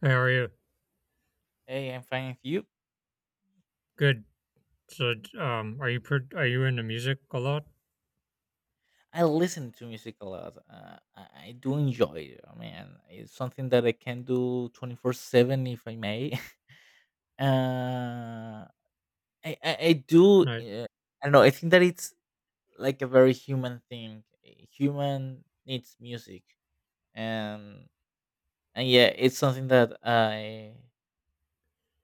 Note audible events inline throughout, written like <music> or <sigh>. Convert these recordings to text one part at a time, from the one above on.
Hey, how are you? Hey, I'm fine with you. Good. So, are you are you into music a lot? I listen to music a lot. I do enjoy it. I mean, it's something that I can do 24 7 if I may. <laughs> Uh, I do, I, I don't know, I think that it's like a very human thing. A human needs music. And, and yeah, it's something that I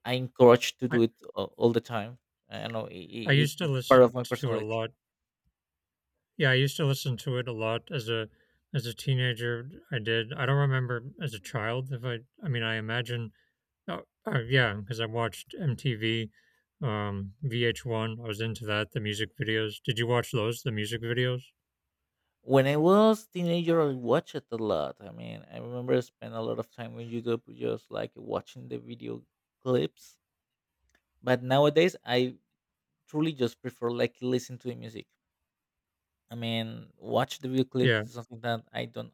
I encourage to I do all the time. I don't know, I used to it's part of listen my to it a personality. lot. Yeah, I used to listen to it a lot as a teenager. I did. I don't remember as a child if I. I mean, I imagine. Yeah, because I watched MTV, VH1. I was into that. The music videos. Did you watch those? The music videos? When I was teenager, I watched it a lot. I mean, I remember I spent a lot of time on YouTube just like watching the video clips. But nowadays, I truly just prefer like listen to the music. I mean, watch the video clips Yeah. is something that I don't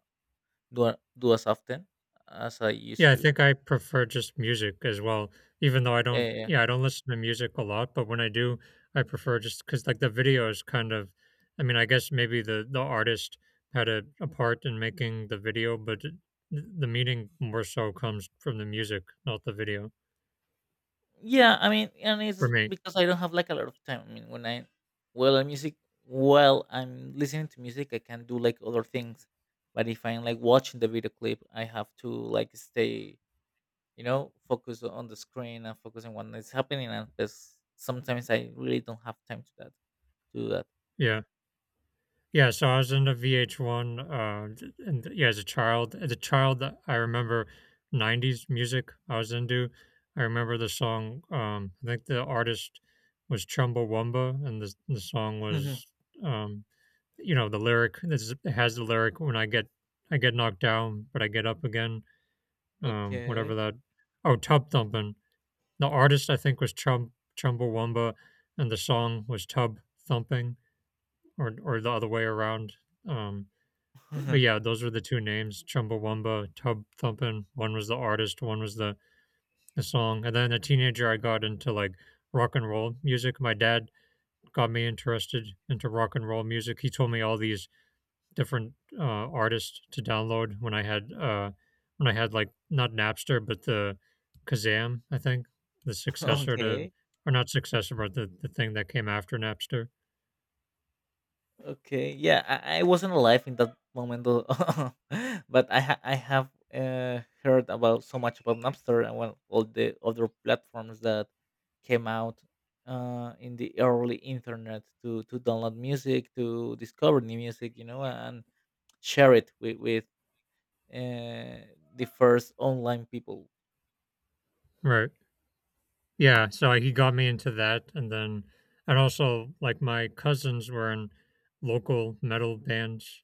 do as often as I Yeah, used I to. think I prefer just music as well, even though I Yeah, don't, yeah, yeah. yeah, I don't listen to music a lot, but when I do, I prefer just because like the videos I mean, I guess maybe the artist had a part in making the video, but the meaning more so comes from the music, not the video Yeah, I mean, and for it's me. because I don't have like a lot of time. I mean, when I well, I'm music while I'm listening to music, I can do like other things. But if I'm like watching the video clip, I have to like stay, you know, focus on the screen and focus on what is happening. Sometimes I really don't have time to that, to do that. Yeah. Yeah, so I was into VH1, yeah, as a child, I remember '90s music I was into. I remember the song. I think the artist was Chumbawamba, and the song was, um, the lyric. It has the lyric when I get knocked down, but I get up again. <laughs> Whatever Okay. that. Oh, Tub Thumping. The artist I think was Chumbawamba, and the song was Tub Thumping, or the other way around. Um, but yeah, <laughs> those were the two names, Chumbawamba, Tub Thumpin'. One was the artist, one was the song. And then a teenager, I got into like rock and roll music. My dad got me interested into rock and roll music. He told me all these different artists to download when I had like not Napster, but the Kazam, I think, the successor to okay. or not successor, but the thing that came after Napster. Okay, yeah, I wasn't alive in that moment, though. <laughs> But I have heard about so much about Napster and well, all the other platforms that came out in the early internet to download music, to discover new music, you know, and share it with with uh, the first online people. Right. Yeah, so like, he got me into that, and then and also, like, my cousins were in local metal bands,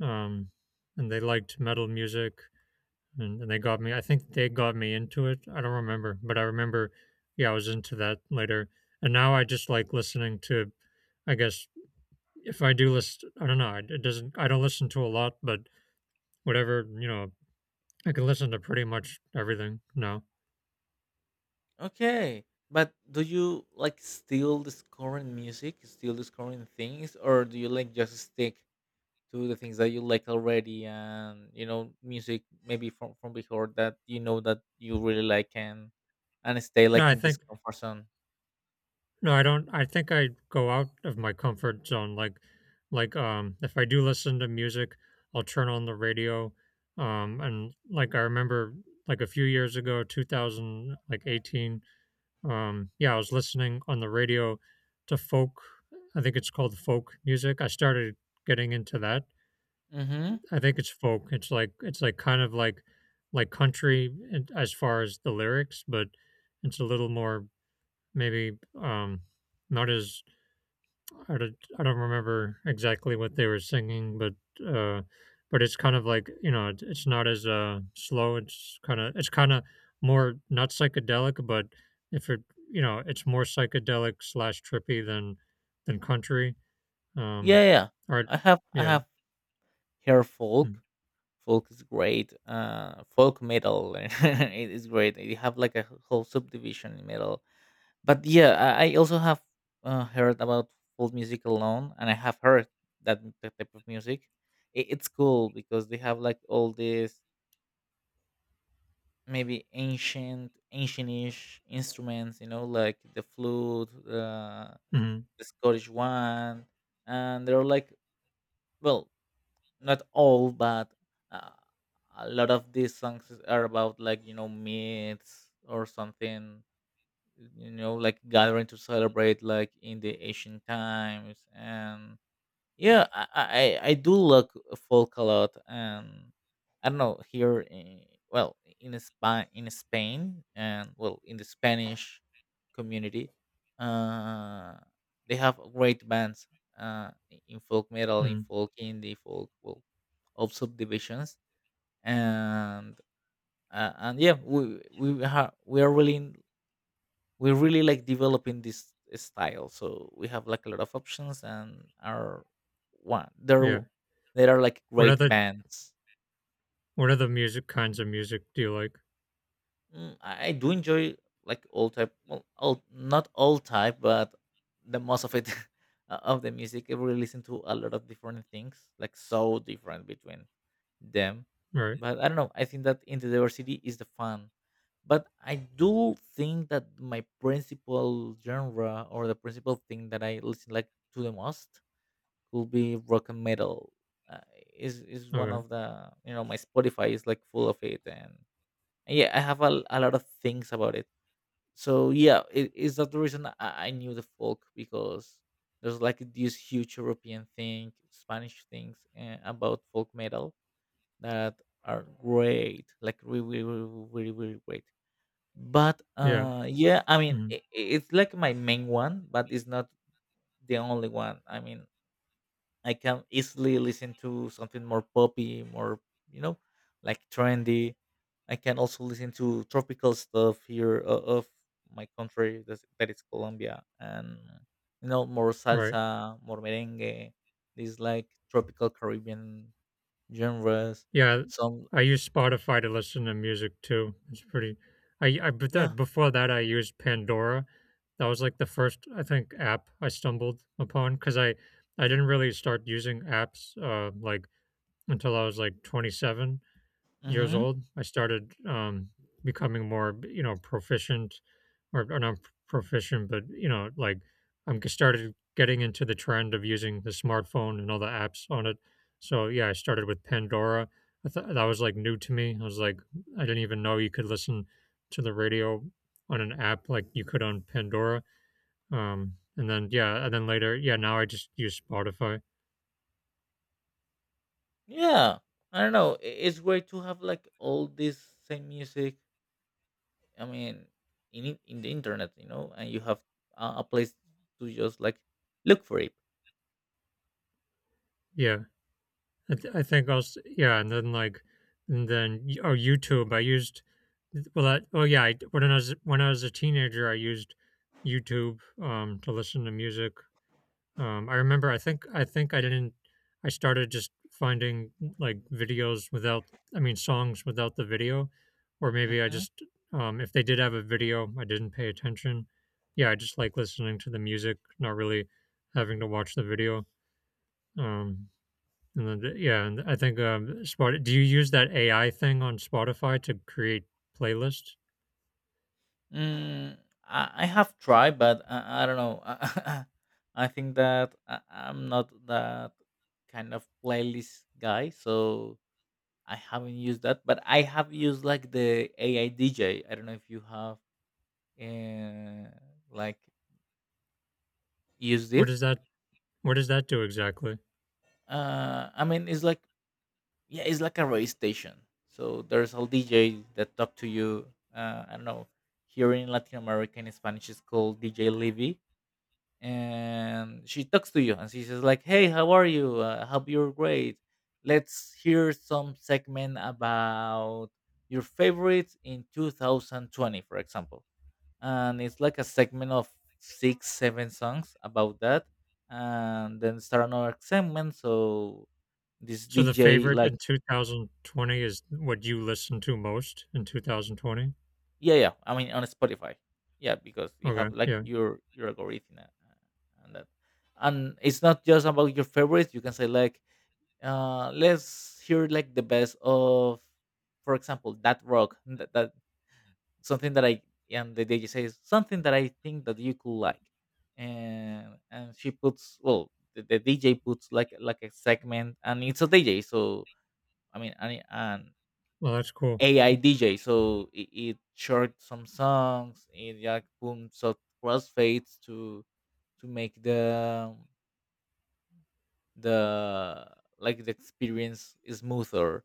um, and they liked metal music, and they got me into it, I don't remember, but I remember, yeah, I was into that later, and now I just like listening to I guess, if I do list I don't know, it doesn't I don't listen to a lot, but whatever, you know, I can listen to pretty much everything. No, Okay, but do you like still discovering music, still discovering things, or do you like just stick to the things that you like already and you know music maybe from before that you know that you really like and stay No, like I in this think comfort zone. No, I don't. I go out of my comfort zone, if I do listen to music, I'll turn on the radio, and, like, I remember, like, a few years ago, 2000, like, 18, yeah, I was listening on the radio to folk. I think it's called folk music, I started getting into that. Mm-hmm. I think it's folk, it's like kind of like country and as far as the lyrics, but it's a little more maybe, not as I don't remember exactly what they were singing, but uh, it's kind of like you know, it's not as slow. It's it's kind of more not psychedelic, but if it you know, it's more psychedelic slash trippy than country. Um, Yeah, or I yeah, have hair mm, folk. Folk is great, folk metal, <laughs> it is great, you have like a whole subdivision in metal. But yeah, I also have heard about folk music alone, and I have heard that type of music. It it's cool because they have like all this maybe ancientish instruments, you know, like the flute, mm, the Scottish one, and they're like, well, not all, but uh, a lot of these songs are about like, you know, myths or something, you know, like gathering to celebrate like in the ancient times. And yeah, I do like folk a lot. And I don't know, here in, well in Spain, and well, in the Spanish community, uh they have great bands, uh in folk metal, in mm, folk, indie folk, well, of subdivisions. And and yeah, we are really, we really like developing this style, so we have like a lot of options, and are one there yeah. there are like What great other bands. Music, kinds of music do you like? Mm, I do enjoy like all type, well, all not all type, but the most of it, <laughs> of the music. I really listen to a lot of different things, like so different between them. Right. But I don't know, I think that in the diversity is the fun. But I do think that my principal genre, or the principal thing that I listen like to the most, could be rock and metal. uh, is one Okay. of the, you know, my Spotify is like full of it. And yeah, I have a lot of things about it. So yeah, it is that the reason I knew the folk, because there's like this huge European thing, Spanish things, about folk metal that are great, like really, really, really, really great. But Yeah. Yeah, I mean, Mm, it's like my main one, but it's not the only one. I mean, I can easily listen to something more poppy, more, you know, like trendy. I can also listen to tropical stuff of my country, that is Colombia, and, you know, more right. salsa, more merengue. These like tropical Caribbean genres. Yeah, Some, I use Spotify to listen to music too. It's pretty. I, but that, yeah. before that I used Pandora. That was like the first I think app I stumbled upon because I didn't really start using apps like until I was like 27 years Mm-hmm. old. I started becoming more, you know, proficient, or not proficient, but you know, like started getting into the trend of using the smartphone and all the apps on it. So yeah, I started with Pandora. I thought that was like new to me. I was like, I didn't even know you could listen to the radio on an app like you could on Pandora. And then yeah, and then later, yeah, now I just use Spotify. Yeah, I don't know. It's great to have like all this same music. I mean, in the internet, you know, and you have a place to just like look for it. Yeah. I think also yeah, and then like and then oh YouTube. I used Well that oh yeah. When I was a teenager, I used YouTube to listen to music. I remember. I think I didn't. I started just finding like videos without. I mean songs without the video, or maybe I Mm-hmm. just if they did have a video, I didn't pay attention. Yeah, I just like listening to the music, not really having to watch the video. Um, yeah, and I think Spot. Do you use that AI thing on Spotify to create playlists? Mm, I have tried, but I don't know. <laughs> I think that I'm not that kind of playlist guy, so I haven't used that. But I have used like the AI DJ. I don't know if you have uh, like used What it. does that do exactly? I mean it's like Yeah, it's like a radio station, so there's all DJ that talk to you. I don't know, here in Latin America, in Spanish, it's called DJ Levy, and she talks to you and she says like, hey, how are you, hope you're great, let's hear some segment about your favorites in 2020, for example. And it's like a segment of six, seven songs about that, and then start another segment. So this So the DJ favorite like, in 2020 is what you listen to most in 2020. yeah, yeah, I mean, on Spotify. Yeah, because you have Okay, like yeah. Your algorithm, and that. And it's not just about your favorites. You can say like, let's hear like the best of, for example, that rock, that something that I, and the DJ says something that I think that you could like. And she puts, well, the DJ puts like a segment, and it's a DJ. So I mean, and Well, that's cool. AI DJ, so it short some songs, it like boom, so crossfades to make the like the experience smoother.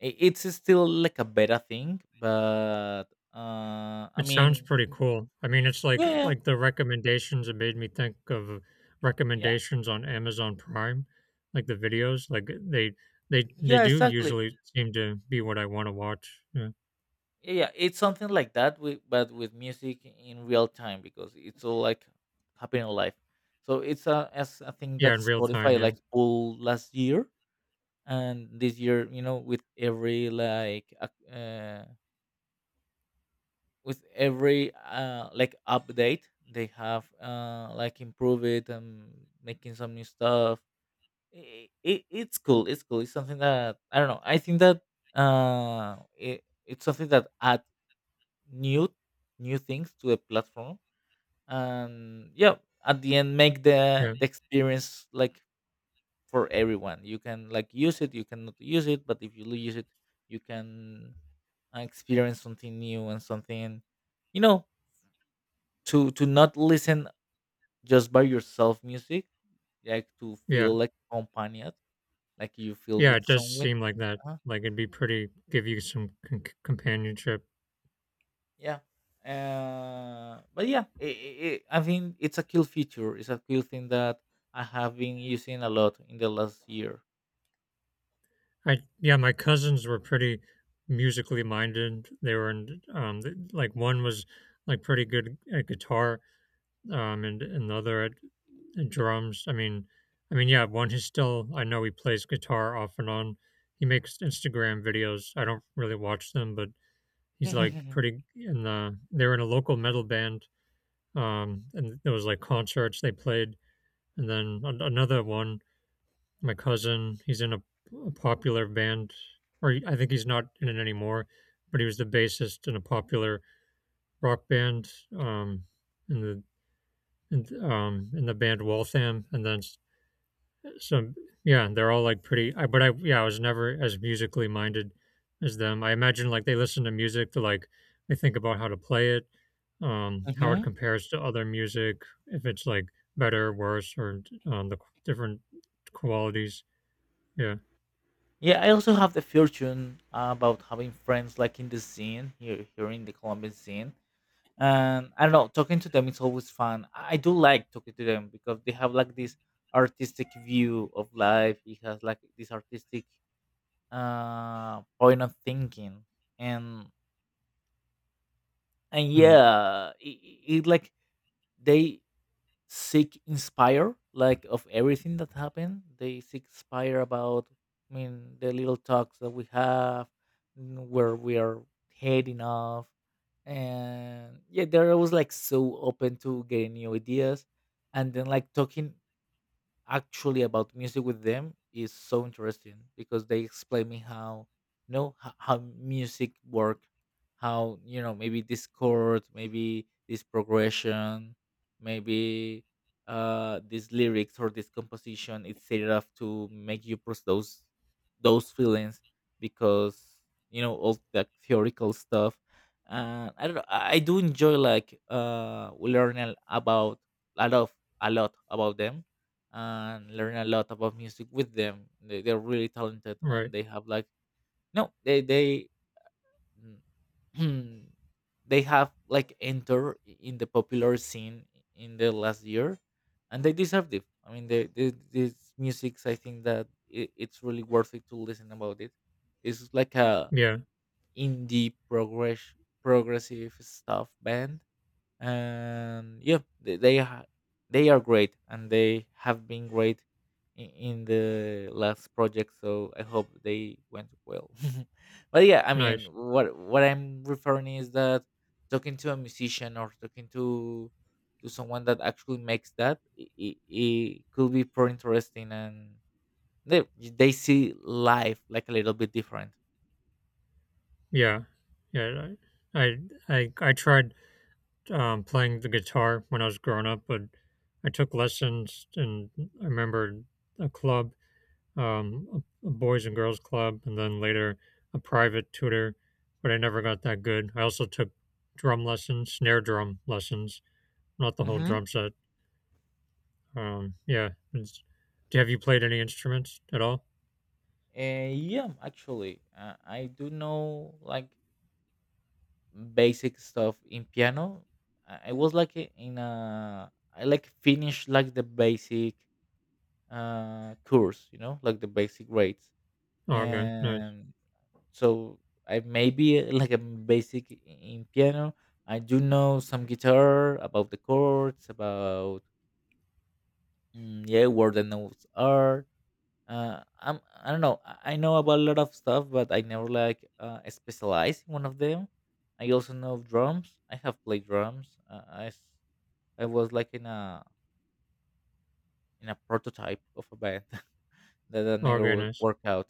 I- It's still like a beta thing, but I It sounds mean, pretty cool. I mean, it's like yeah, the recommendations. It made me think of yeah, recommendations on Amazon Prime, like the videos. They yeah, do exactly. usually seem to be what I want to watch. Yeah, Yeah, it's something like that, with, but with music in real time, because it's all like happening live. So it's a as a thing yeah, that in real time. Spotify Yeah, like pulled last year. And this year, you know, with every like ac- with every like update, they have like improve it and making some new stuff. It's cool, it's cool, it's something that, I don't know, I think that it's something that add new new things to the platform. And yeah, at the end make yeah. the experience like for everyone. You can like use it, you cannot use it, but if you use it, you can experience something new and something, you know, to not listen just by yourself music, like to Yeah. feel like accompanied, like you feel Yeah, with it does someone. seem like that. uh Like it'd be pretty give you some companionship. Yeah. But yeah, I think it's a cool feature. It's a cool thing that I have been using a lot in the last year. I Yeah, my cousins were pretty musically minded. They were in like one was like pretty good at guitar, and another at drums. I mean, yeah, one is still I know he plays guitar off and on. He makes Instagram videos. I don't really watch them, but he's like <laughs> pretty in the they were in a local metal band. And there was like concerts they played. And then another one, my cousin, he's in a popular band, or I think he's not in it anymore, but he was the bassist in a popular rock band in the in the band Waltham, and then so yeah, they're all like pretty. But I yeah, I was never as musically minded as them. I imagine like they listen to music to like they think about how to play it, how it Hmm. compares to other music, if it's like better, worse, or different qualities. Yeah. Yeah, I also have the fortune about having friends like in the scene here, here in the Colombian scene. And I don't know, talking to them is always fun. I do like talking to them, because they have like this artistic view of life. It has like this artistic point of thinking. and and Mm, yeah, it like they seek inspire like of everything that happened, they seek inspire about, I mean, the little talks that we have, where we are heading off. And yeah, they're always like so open to getting new ideas. And then like talking actually about music with them is so interesting, because they explain me how, you know, how music work, how, you know, maybe this chord, maybe this progression, maybe these lyrics or this composition, it's set it up to make you process those feelings, because, you know, all that theoretical stuff. And I don't know, I do enjoy like learning about a lot about them, and learn a lot about music with them. They're really talented, and right. they have like, no, they mm, <clears throat> they have like enter in the popular scene in the last year, and they deserved it. I mean, they these musics, I think that it's really worth it to listen about it. It's like a Yeah. indie progress progressive stuff band. And yeah, they are great, and they have been great in the last project, so I hope they went well. <laughs> But yeah, I mean, Nice. What I'm referring is that talking to a musician, or talking to someone that actually makes that, it could be pretty interesting. And they see life like a little bit different. Yeah. Yeah. I I I tried playing the guitar when I was growing up, but I took lessons, and I remember a club a boys and girls club, and then later a private tutor, but I never got that good. I also took drum lessons, snare drum lessons, not the whole Mm-hmm. drum set. Yeah. It's, have you played any instruments at all? Yeah, actually, I do know like basic stuff in piano. I was like I- in a I like finished like the basic course, you know, like the basic grades, Oh, okay, nice. and so I maybe like a basic in piano. I do know some guitar about the chords, about yeah, where the notes are. I don't know. I know about a lot of stuff, but I never like specialize in one of them. I also know drums. I have played drums. I was like in a prototype of a band <laughs> that I Oh, never okay, nice. worked out,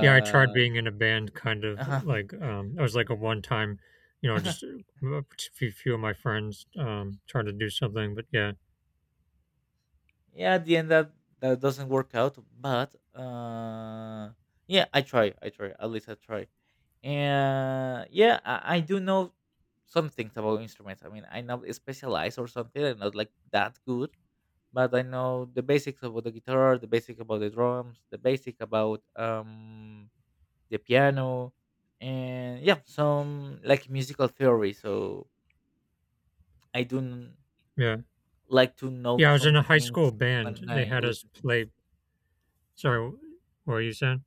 Yeah, I tried being in a band, kind of like <laughs> I was like a one-time, you know, just a few of my friends trying to do something, but yeah, yeah at the end that doesn't work out but yeah I try at least I try, and yeah I do know some things about instruments. I mean I know specialized or something, I'm not like that good, but I know the basics about the guitar, the basic about the drums, the basic about the piano, and yeah some like musical theory. So I yeah, like to know yeah. I was in some a high school things when band. I They had us listen. play. Sorry, what were you saying?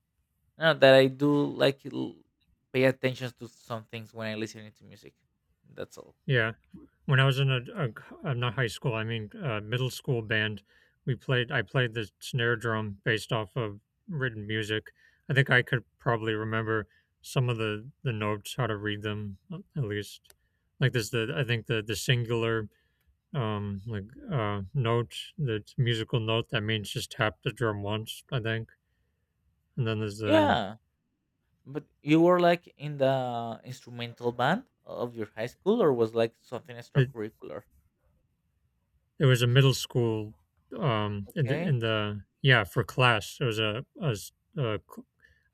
No, that I do pay attention to some things when I listen to music. That's all. Yeah. When I was in not high school, I mean middle school band, we played. I played the snare drum based off of written music. I think I could probably remember some of the notes, how to read them at least. Like there's the I think the singular um like note, the musical note that means just tap the drum once. I think, and then there's Yeah, but you were like in the instrumental band of your high school, or was like something the extracurricular? There was a middle school in Okay. the yeah for class. There was a, s- a c-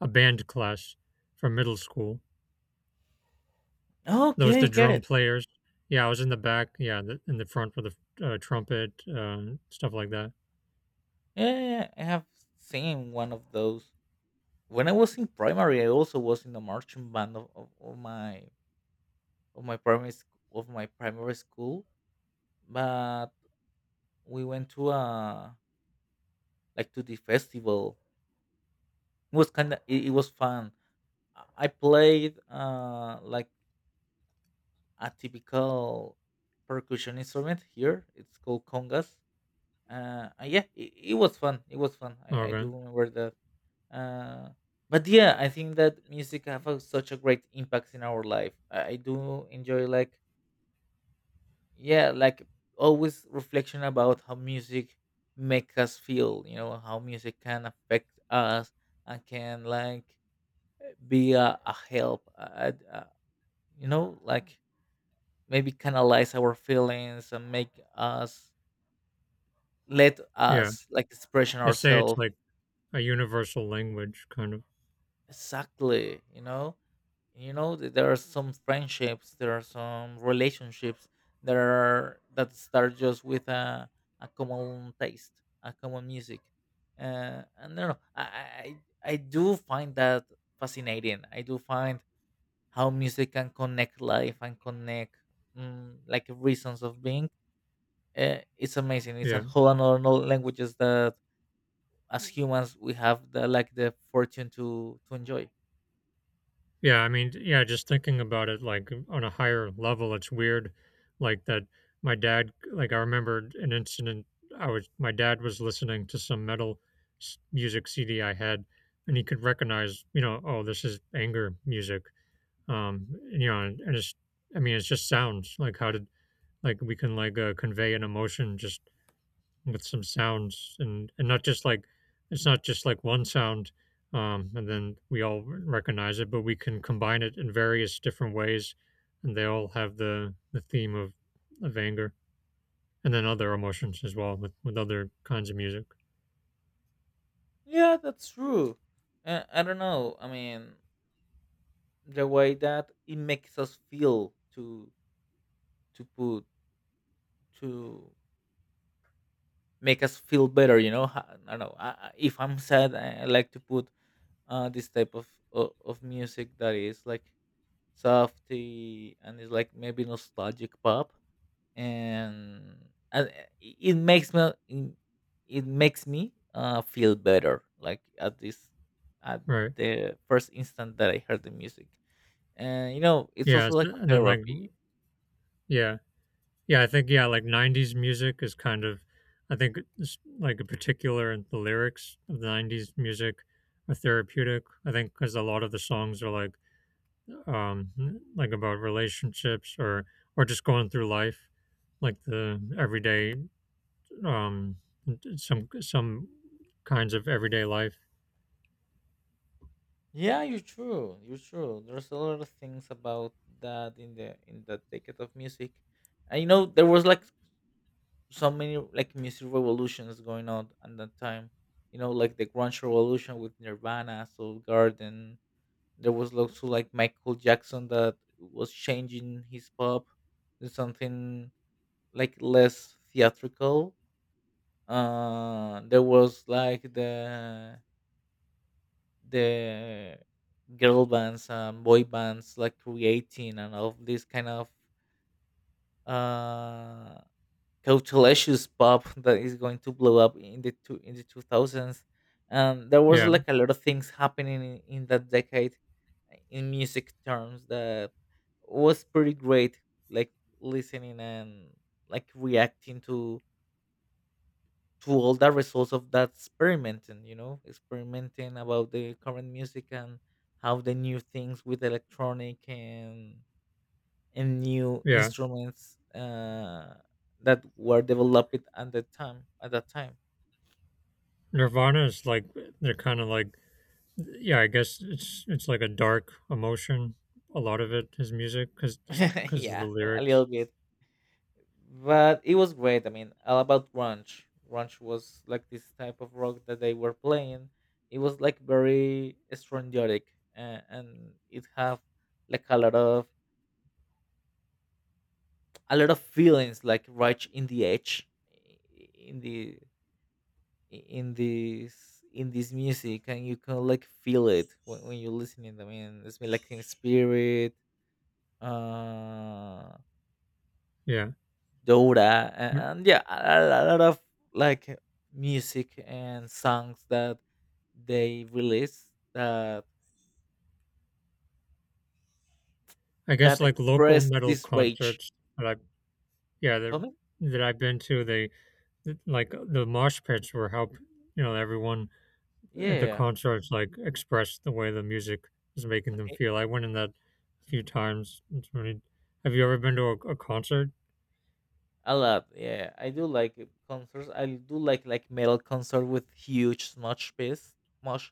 a band class from middle school. There was Okay, the get drum it. players. Yeah, I was in the back. Yeah, the, in the front with the trumpet, stuff like that. Yeah, yeah, yeah, I have seen one of those. When I was in primary, I also was in the marching band of my primary sc- of my primary school, but we went to a like to the festival. It was kind of it was fun. I played like a typical percussion instrument here. It's called congas. Yeah, it was fun. It was fun. I Okay. do remember that. Uh, but yeah, I think that music have a, such a great impact in our life. I do enjoy like yeah, like always reflection about how music make us feel. You know how music can affect us and can like be a help, a you know like maybe canalize our feelings and make us, let Yeah, us like expression they say it's ourselves. like a universal language, kind of. Exactly, you know, you know there are some friendships, there are some relationships that are that start just with a common taste, a common music. And no, I do find that fascinating. I do find how music can connect life and connect like reasons of being. It's amazing. It's a Yeah. whole another languages that as humans we have the like the fortune to enjoy. Yeah, I mean, yeah, just thinking about it like on a higher level, it's weird. Like that, my dad, like I remembered an incident. I was, my dad was listening to some metal music CD I had, and he could recognize, you know, oh, this is anger music. Um, and, you know, and it's, I mean, it's just sounds like like we can convey an emotion just with some sounds and not just like it's not just like one sound and then we all recognize it, but we can combine it in various different ways, and they all have the theme of anger, and then other emotions as well with other kinds of music. Yeah, that's true. I don't know. I mean, the way that it makes us feel to put to make us feel better. You know, I don't know. If I'm sad, I like to put this type of music that is like softy and it's like maybe nostalgic pop, and it it makes me feel better like at this at Right. the first instant that I heard the music. And you know, it's yeah also it's- like a and then like therapy. Yeah. yeah I think yeah like 90s music is kind of, I think it's like a particular, the lyrics of the 90s music are therapeutic, I think, because a lot of the songs are um, like about relationships or just going through life, like the everyday, um, some kinds of everyday life. Yeah, you're true, you're true, there's a lot of things about that in the decade of music. And you know, there was like so many like music revolutions going on at that time. You know, like the grunge revolution with Nirvana, Soul Garden. There was also like Michael Jackson that was changing his pop to something like less theatrical. There was like the girl bands and boy bands like creating, and all this kind of uh coachalacious pop that is going to blow up in the two thousands. And there was Yeah, like a lot of things happening in that decade in music terms that was pretty great, like listening and like reacting to all the results of that experimenting. You know, experimenting about the current music, and how the new things with electronic and new yeah. instruments that were developed at that time. Nirvana is like they're kind of like, yeah. I guess it's like a dark emotion. A lot of it is music because <laughs> of the Yeah, a lyrics. little bit, but it was great. I mean, all about grunge. Grunge was like this type of rock that they were playing. It was like very strangiotic, and it have like a lot of feelings, like right in the edge, in the in this music, and you can like feel it when you're listening. I mean, it's been like in spirit. Uh, Yeah. Dora, Mm. And yeah, a lot of like music and songs that they release, that I guess like local express metal this rage. concerts that I yeah Tell that me, that I've been to, like the mosh pits were you know, everyone yeah, at yeah, the yeah. concerts like express the way the music is making them I- feel. I went in that a few times. It's really, have you ever been to a concert? a lot. Yeah, I do like concerts. I do like metal concert with huge mosh pits, mosh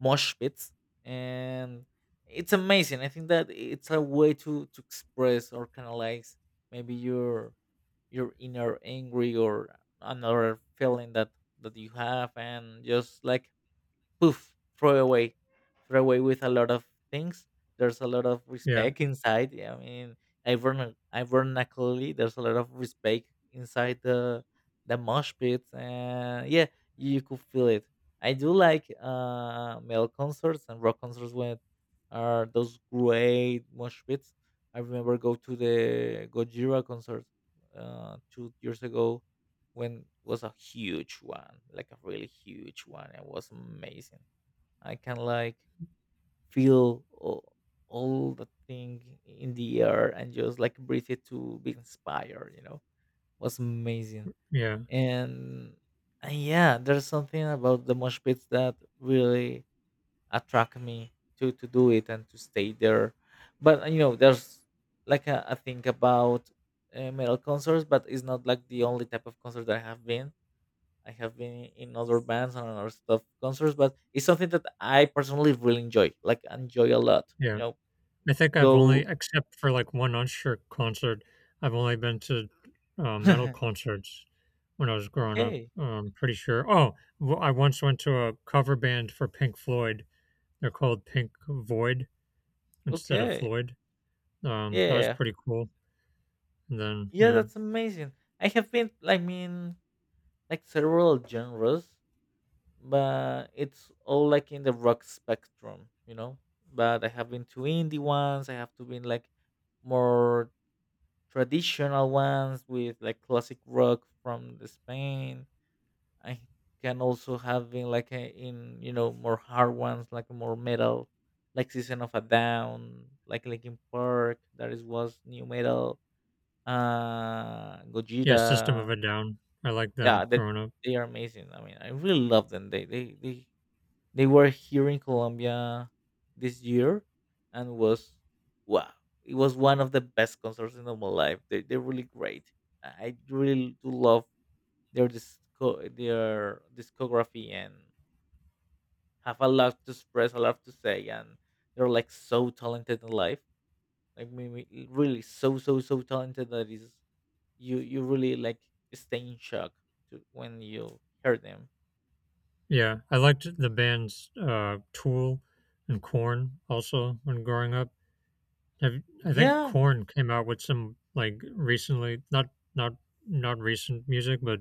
mosh pits, and it's amazing. I think that it's a way to express or canalize maybe your inner angry or another feeling that you have, and just like poof, throw away with a lot of things. There's a lot of Yeah, respect inside. Yeah, I mean, ironically, there's a lot of respect inside the mosh pit, and yeah, you could feel it. I do like metal concerts and rock concerts when are those great mosh pits. I remember go to the Gojira concert 2 years ago, when was a huge one, like a really huge one. It was amazing. I can like feel all the thing in the air and just like breathe it to be inspired, you know. Was amazing. yeah, And, and yeah, there's something about the mosh pits that really attract me to do it and to stay there. But you know, there's like a thing about metal concerts, but it's not like the only type of concert that I have been. I have been in other bands and other stuff concerts, but it's something that I personally really enjoy. Like enjoy a lot. yeah. You know, I think I've only, go. except for like one Usher concert, I've only been to metal <laughs> concerts when I was growing up. Okay, I'm pretty sure. Oh, I once went to a cover band for Pink Floyd. They're called Pink Void instead of okay, Floyd. That was yeah, pretty cool. And then, yeah. yeah. That's amazing. I have been, I mean, like several genres, but it's all like in the rock spectrum. You know, but I have been to indie ones. I have to been like more traditional ones with like classic rock from the Spain. I can also having like a, in you know more hard ones, like more metal, like Season of a Down, like Linkin Park. That is was new metal. Yeah, System of Gojira. a Down. I liked them Yeah, that growing up. they are amazing. I mean, I really love them. They were here in Colombia this year, and was wow. It was one of the best concerts in all my life. They're really great. I really do love their disco their discography, and have a lot to express, a lot to say, and they're like so talented in life. Like maybe really so so so talented that is you you really like stay in shock to, when you hear them. Yeah, I liked the bands Tool and Corn also when growing up. Have, I think Yeah, Corn came out with some like recently, not not recent music, but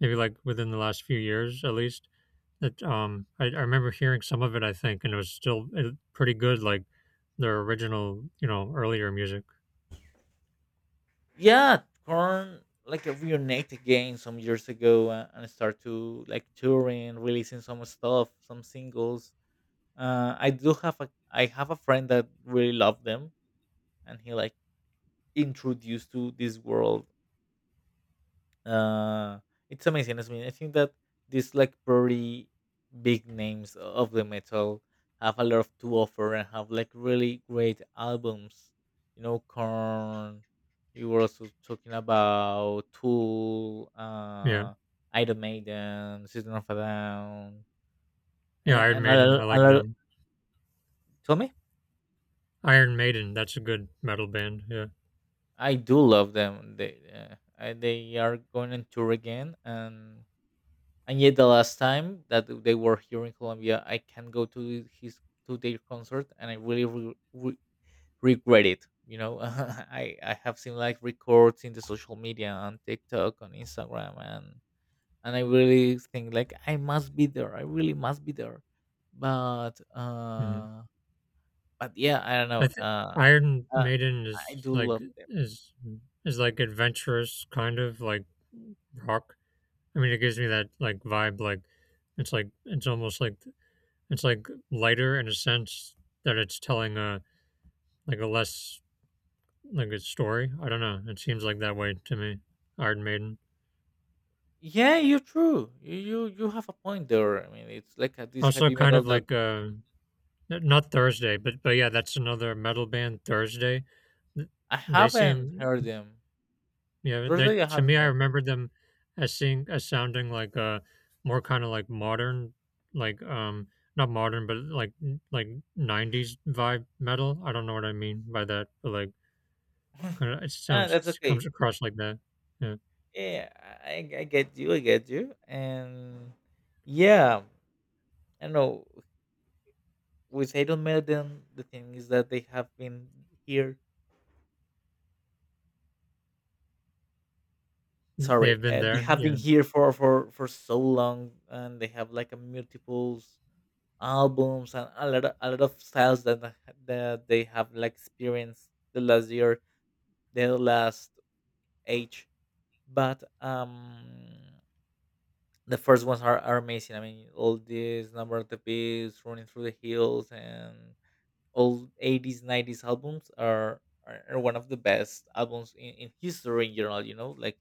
maybe like within the last few years at least. That I remember hearing some of it, I think, and it was still pretty good, like their original, you know, earlier music. yeah. Korn like reunite again some years ago, and start to like touring, releasing some stuff, some singles. I do have a I have a friend that really loved them, and he like introduced to this world uh, it's amazing. I mean, I think that these like pretty big names of the metal have a lot to offer and have like really great albums. You know, Korn. You were also talking about Tool, Yeah, Iron Maiden, System of a Down, yeah. Iron and Maiden. I a like lot. them. Tell me, Iron Maiden. That's a good metal band. Yeah. I do love them. They are going on tour again, and yet the last time that they were here in Colombia, I can go to his to their concert, and I really regret it. You know, <laughs> I have seen like records in the social media on TikTok, on Instagram, and I really think like I must be there. I really must be there, but Mhm. uh, but yeah, I don't I know. th- Iron uh Maiden I is do like love them. is is like adventurous kind of like rock. I mean, it gives me that like vibe. Like it's almost like it's like lighter in a sense that it's telling a like a less like a story. I don't know. It seems like that way to me. Iron Maiden Yeah, you're true. You have a point there. I mean, it's like this also heavy kind metal of that like n- not Thursday, but yeah, that's another metal band, Thursday. Th- I They haven't seem, heard them. yeah, they Thursday, I to me, haven't I met them. remember them as seeing as sounding like more kind of like modern, like not modern, but like '90s vibe metal. I don't know what I mean by that, but like kind <laughs> of it Ah, that's sounds it comes okay. across like that. Yeah. Yeah, I get you. I get you. And yeah, I know with Haydon Melden, the thing is that they have been here. They've Sorry, been they there. have been Yeah, here for so long, and they have like a multiples albums and a lot of styles that that they have like experienced the last year, the last age. But the first ones are amazing. I mean, all this number of the beast, running through the hills, and all eighties, nineties albums are one of the best albums in history in general. You know, like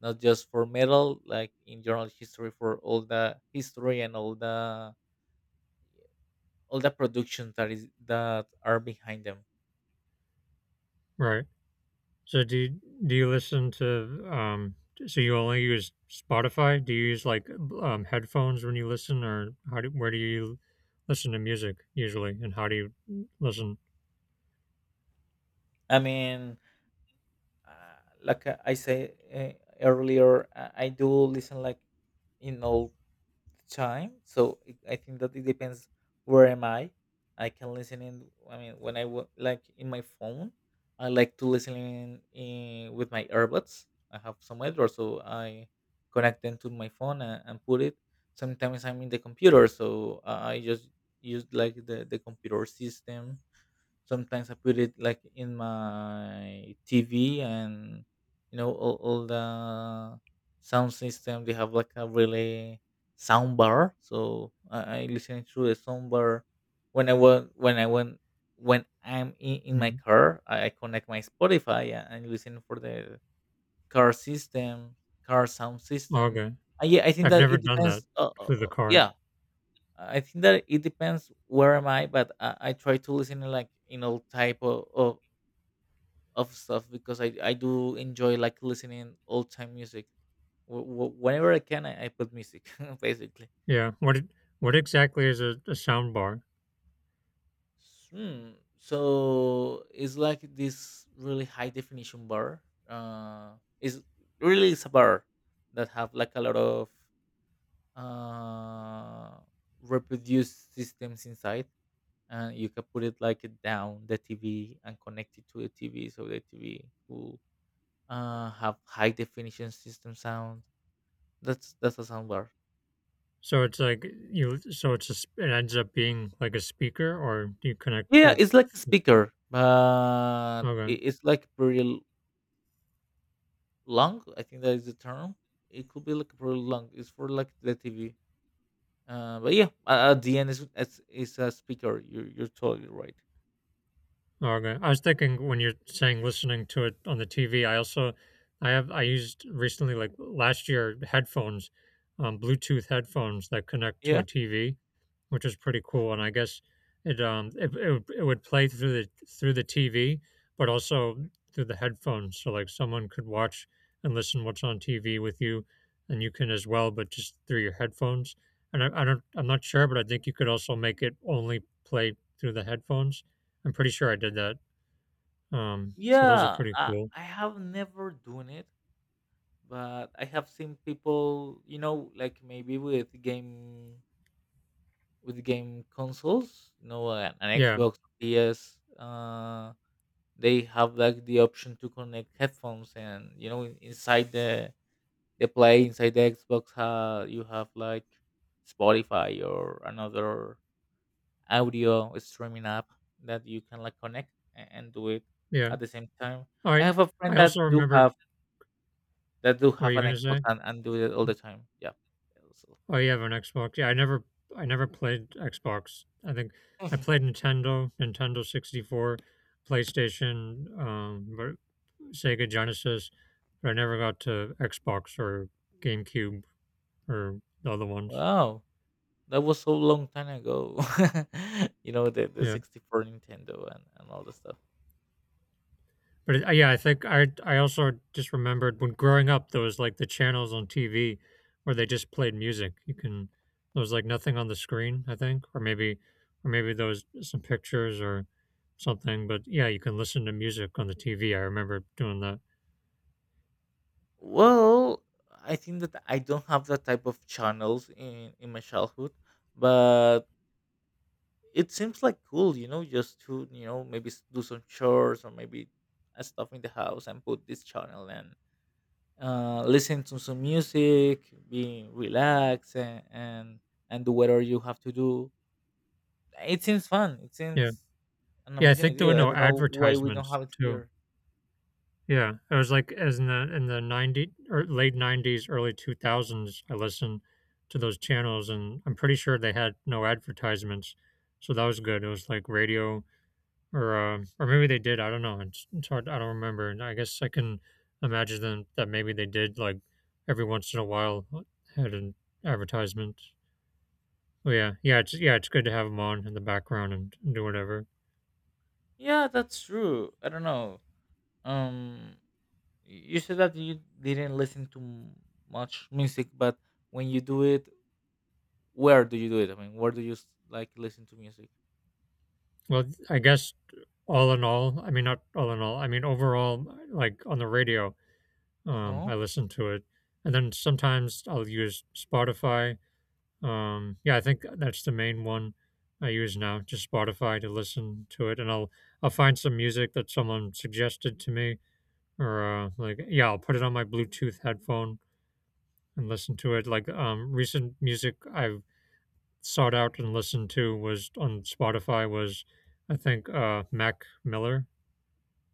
not just for metal, like in general history for all the history and all the production that is that are behind them. right. So do you listen to um? So you only use Spotify? Do you use like headphones when you listen, or how do where do you listen to music usually, and how do you listen? I mean, like I say earlier, I do listen like in all the time, so I think that it depends where am I. I can listen in, I mean, when like in my phone I like to listen in with my earbuds. I have some or so I connect them to my phone, and put it. Sometimes I'm in the computer so I just use like the computer system. Sometimes I put it like in my TV, and all the sound system, they have like a really sound bar, so I listen to the sound bar when I want when I'm in my car. I connect my Spotify and listen for the car system car sound system. Okay. Yeah, I think I've that never it done that depends, for the car. yeah, I think that it depends where am I. But I try to listen to like in all type of stuff, because I do enjoy like listening old time music. Whenever I can, I put music <laughs> basically. Yeah. What exactly is a sound bar? Hmm. So it's like this really high definition bar. Is really it's a bar that have like a lot of uh reproduced systems inside. And you can put it like it down the TV and connect it to the TV, so the TV will have high definition system sound. That's a soundbar. So it's like so it's it ends up being like a speaker, or do you connect to Yeah, it? it's like a speaker, but Okay. it's like long. I think that is the term. It could be like pretty long. It's for like the TV. But yeah, at the end, it's a speaker. You're totally right. Okay. I was thinking when you're saying listening to it on the TV, I also I used recently like last year headphones, Bluetooth headphones that connect to a Yeah. TV, which is pretty cool. And I guess it would play through the TV, but also through the headphones. So like someone could watch and listen what's on TV with you, and you can as well, but just through your headphones. And I don't I'm not sure, but I think you could also make it only play through the headphones. I'm pretty sure I did that. So those are Yeah. pretty I, cool. I have never done it, but I have seen people, you know, like maybe with game consoles, you know, an Yeah, Xbox, PS, they have like the option to connect headphones, and you know, inside the play inside the Xbox, you have like Spotify or another audio streaming app that you can like connect and do it yeah. at the same time. All I right. have a I friend also that do remembered. have What were you an gonna Xbox say? and do it all the time. Yeah. Oh, you have an Xbox. Yeah, I never played Xbox. I think <laughs> I Mhm. played Nintendo, Nintendo 64, PlayStation, but Sega Genesis. But I never got to Xbox or GameCube or the other ones. Wow, that was so long time ago. <laughs> You know the Yeah. 64 Nintendo and all the stuff. Yeah, I think I also just remembered when growing up there was like the channels on TV where they just played music. You can There was like nothing on the screen, I think, or maybe there was some pictures or something. But yeah, you can listen to music on the TV. I remember doing that. Well, I think that I don't have that type of channels in my childhood, but it seems like cool. You know, just to maybe do some chores, or maybe stuff in the house and put this channel and listen to some music, be relaxed and do whatever you have to do. It seems fun. It Yeah, seems an yeah, I amazing think there were idea. I no don't know why we don't advertisements have it too. here. Yeah, it was like as in the 90 or late 90s, early 2000s, I listened to those channels and I'm pretty sure they had no advertisements. So that was good. It was like radio or maybe they did, I don't know. It's hard, I don't remember. And I guess I can imagine them that maybe they did like every once in a while had an advertisement. Oh yeah. Yeah, it's good to have them on in the background and do whatever. Yeah, that's true. I don't know. Um, you said that you didn't listen to much music, but when you do it, where do you do it? I mean, where do you like listen to music? Well, I guess not all in all, I mean, overall, like on the radio, Uh huh. I listen to it. And then sometimes I'll use Spotify. Yeah, I think that's the main one I use now, just Spotify to listen to it. I'll find some music that someone suggested to me or, like, yeah, I'll put it on my Bluetooth headphone and listen to it. Like, recent music I've sought out and listened to was on Spotify was, I think, Mac Miller,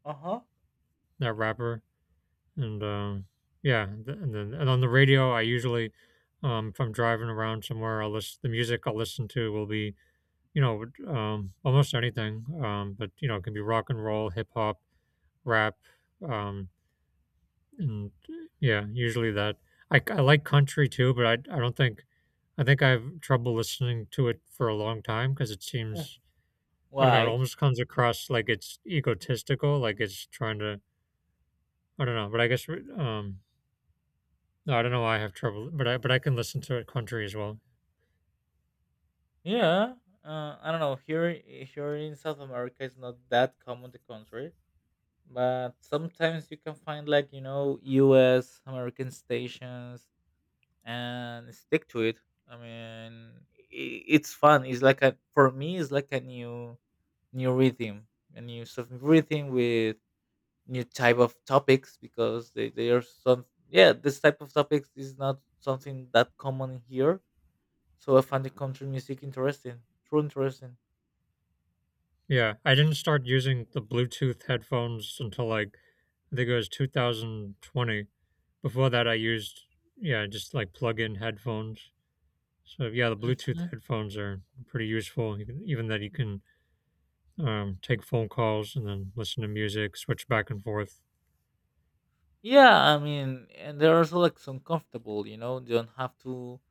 Uh huh. that rapper. And yeah, and on the radio, I usually, if I'm driving around somewhere, I'll listen. The music I'll listen to will be, you know, almost anything. But you know, it can be rock and roll, hip hop, rap, um, and yeah, usually that. I like country too, but I don't think I have trouble listening to it for a long time because it seems, I don't know. It Why? almost comes across like it's egotistical, like it's trying to, I don't know. But I guess no, I don't know why I have trouble, but I can listen to it, country as well. Yeah. I don't know. Here, here in South America, it's not that common the country, but sometimes you can find like, you know, U.S. American stations and stick to it. I mean, it's fun. It's like a for me, it's like a new rhythm, a new sort of rhythm with new type of topics, because they are some, yeah, this type of topics is not something that common here. So I find the country music interesting, true interesting. Yeah, I didn't start using the Bluetooth headphones until like I think it was 2020. Before that, I used yeah just like plug-in headphones. So yeah, the Bluetooth Hmm. headphones are pretty useful. You can, even that you can take phone calls and then listen to music, switch back and forth. Yeah, I mean, and they're also like some comfortable. You know, you don't have to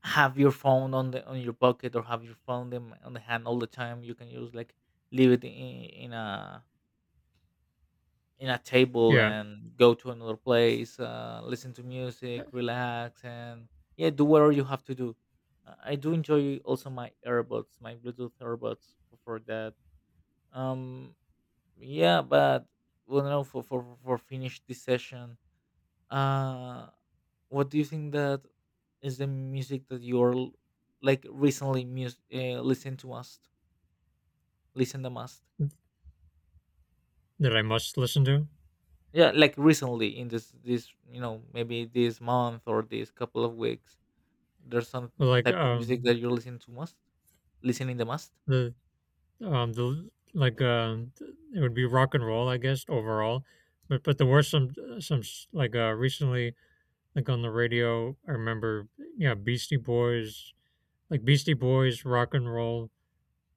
have your phone on the on your pocket, or have your phone them on the hand all the time. You can use like leave it in a table Yeah, and go to another place, listen to music, relax, and yeah, do whatever you have to do. I do enjoy also my earbuds, my Bluetooth earbuds for that. Um, yeah, but well, no, for finish this session. Uh, what do you think that is the music that you're like recently listen to us listen the most? that I must listen to. Yeah, like recently in this, you know, maybe this month or this couple of weeks, there's some But like type of music that you're listening the most? the the like uh, it would be rock and roll, I guess overall, but there were some recently like on the radio. I remember, yeah, Beastie Boys, like Beastie Boys, rock and roll.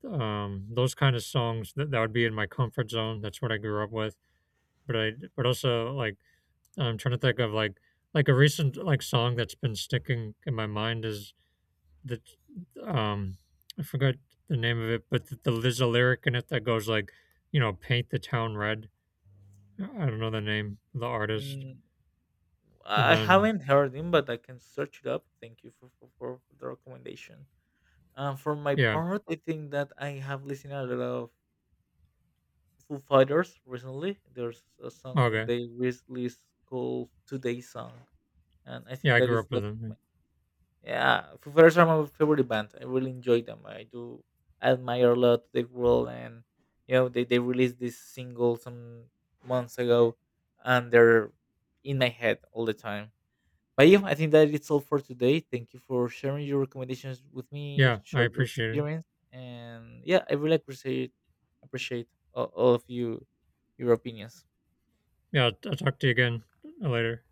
Those kind of songs that that would be in my comfort zone. That's what I grew up with. But I but also like I'm trying to think of like a recent like song that's been sticking in my mind is the um I forgot the name of it, but the, there's a lyric in it that goes like, you know, paint the town red. I don't know the name of the artist. Mm, And I then haven't heard him, but I can search it up. Thank you for the recommendation. For my yeah, part, I think that I have listened a lot of Foo Fighters recently. There's a song that okay, they released called "Today's Song," and I yeah, think I that grew is up with like my, him. yeah, Foo Fighters are my favorite band. I really enjoy them. I do admire a lot their world, and you know they released this single some months ago, and they're in my head all the time. But yeah, I think that it's all for today. Thank you for sharing your recommendations with me, Yeah, I share your appreciate it. experience, and yeah, I really appreciate all of you your opinions. Yeah, I'll talk to you again later.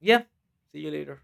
Yeah, see you later.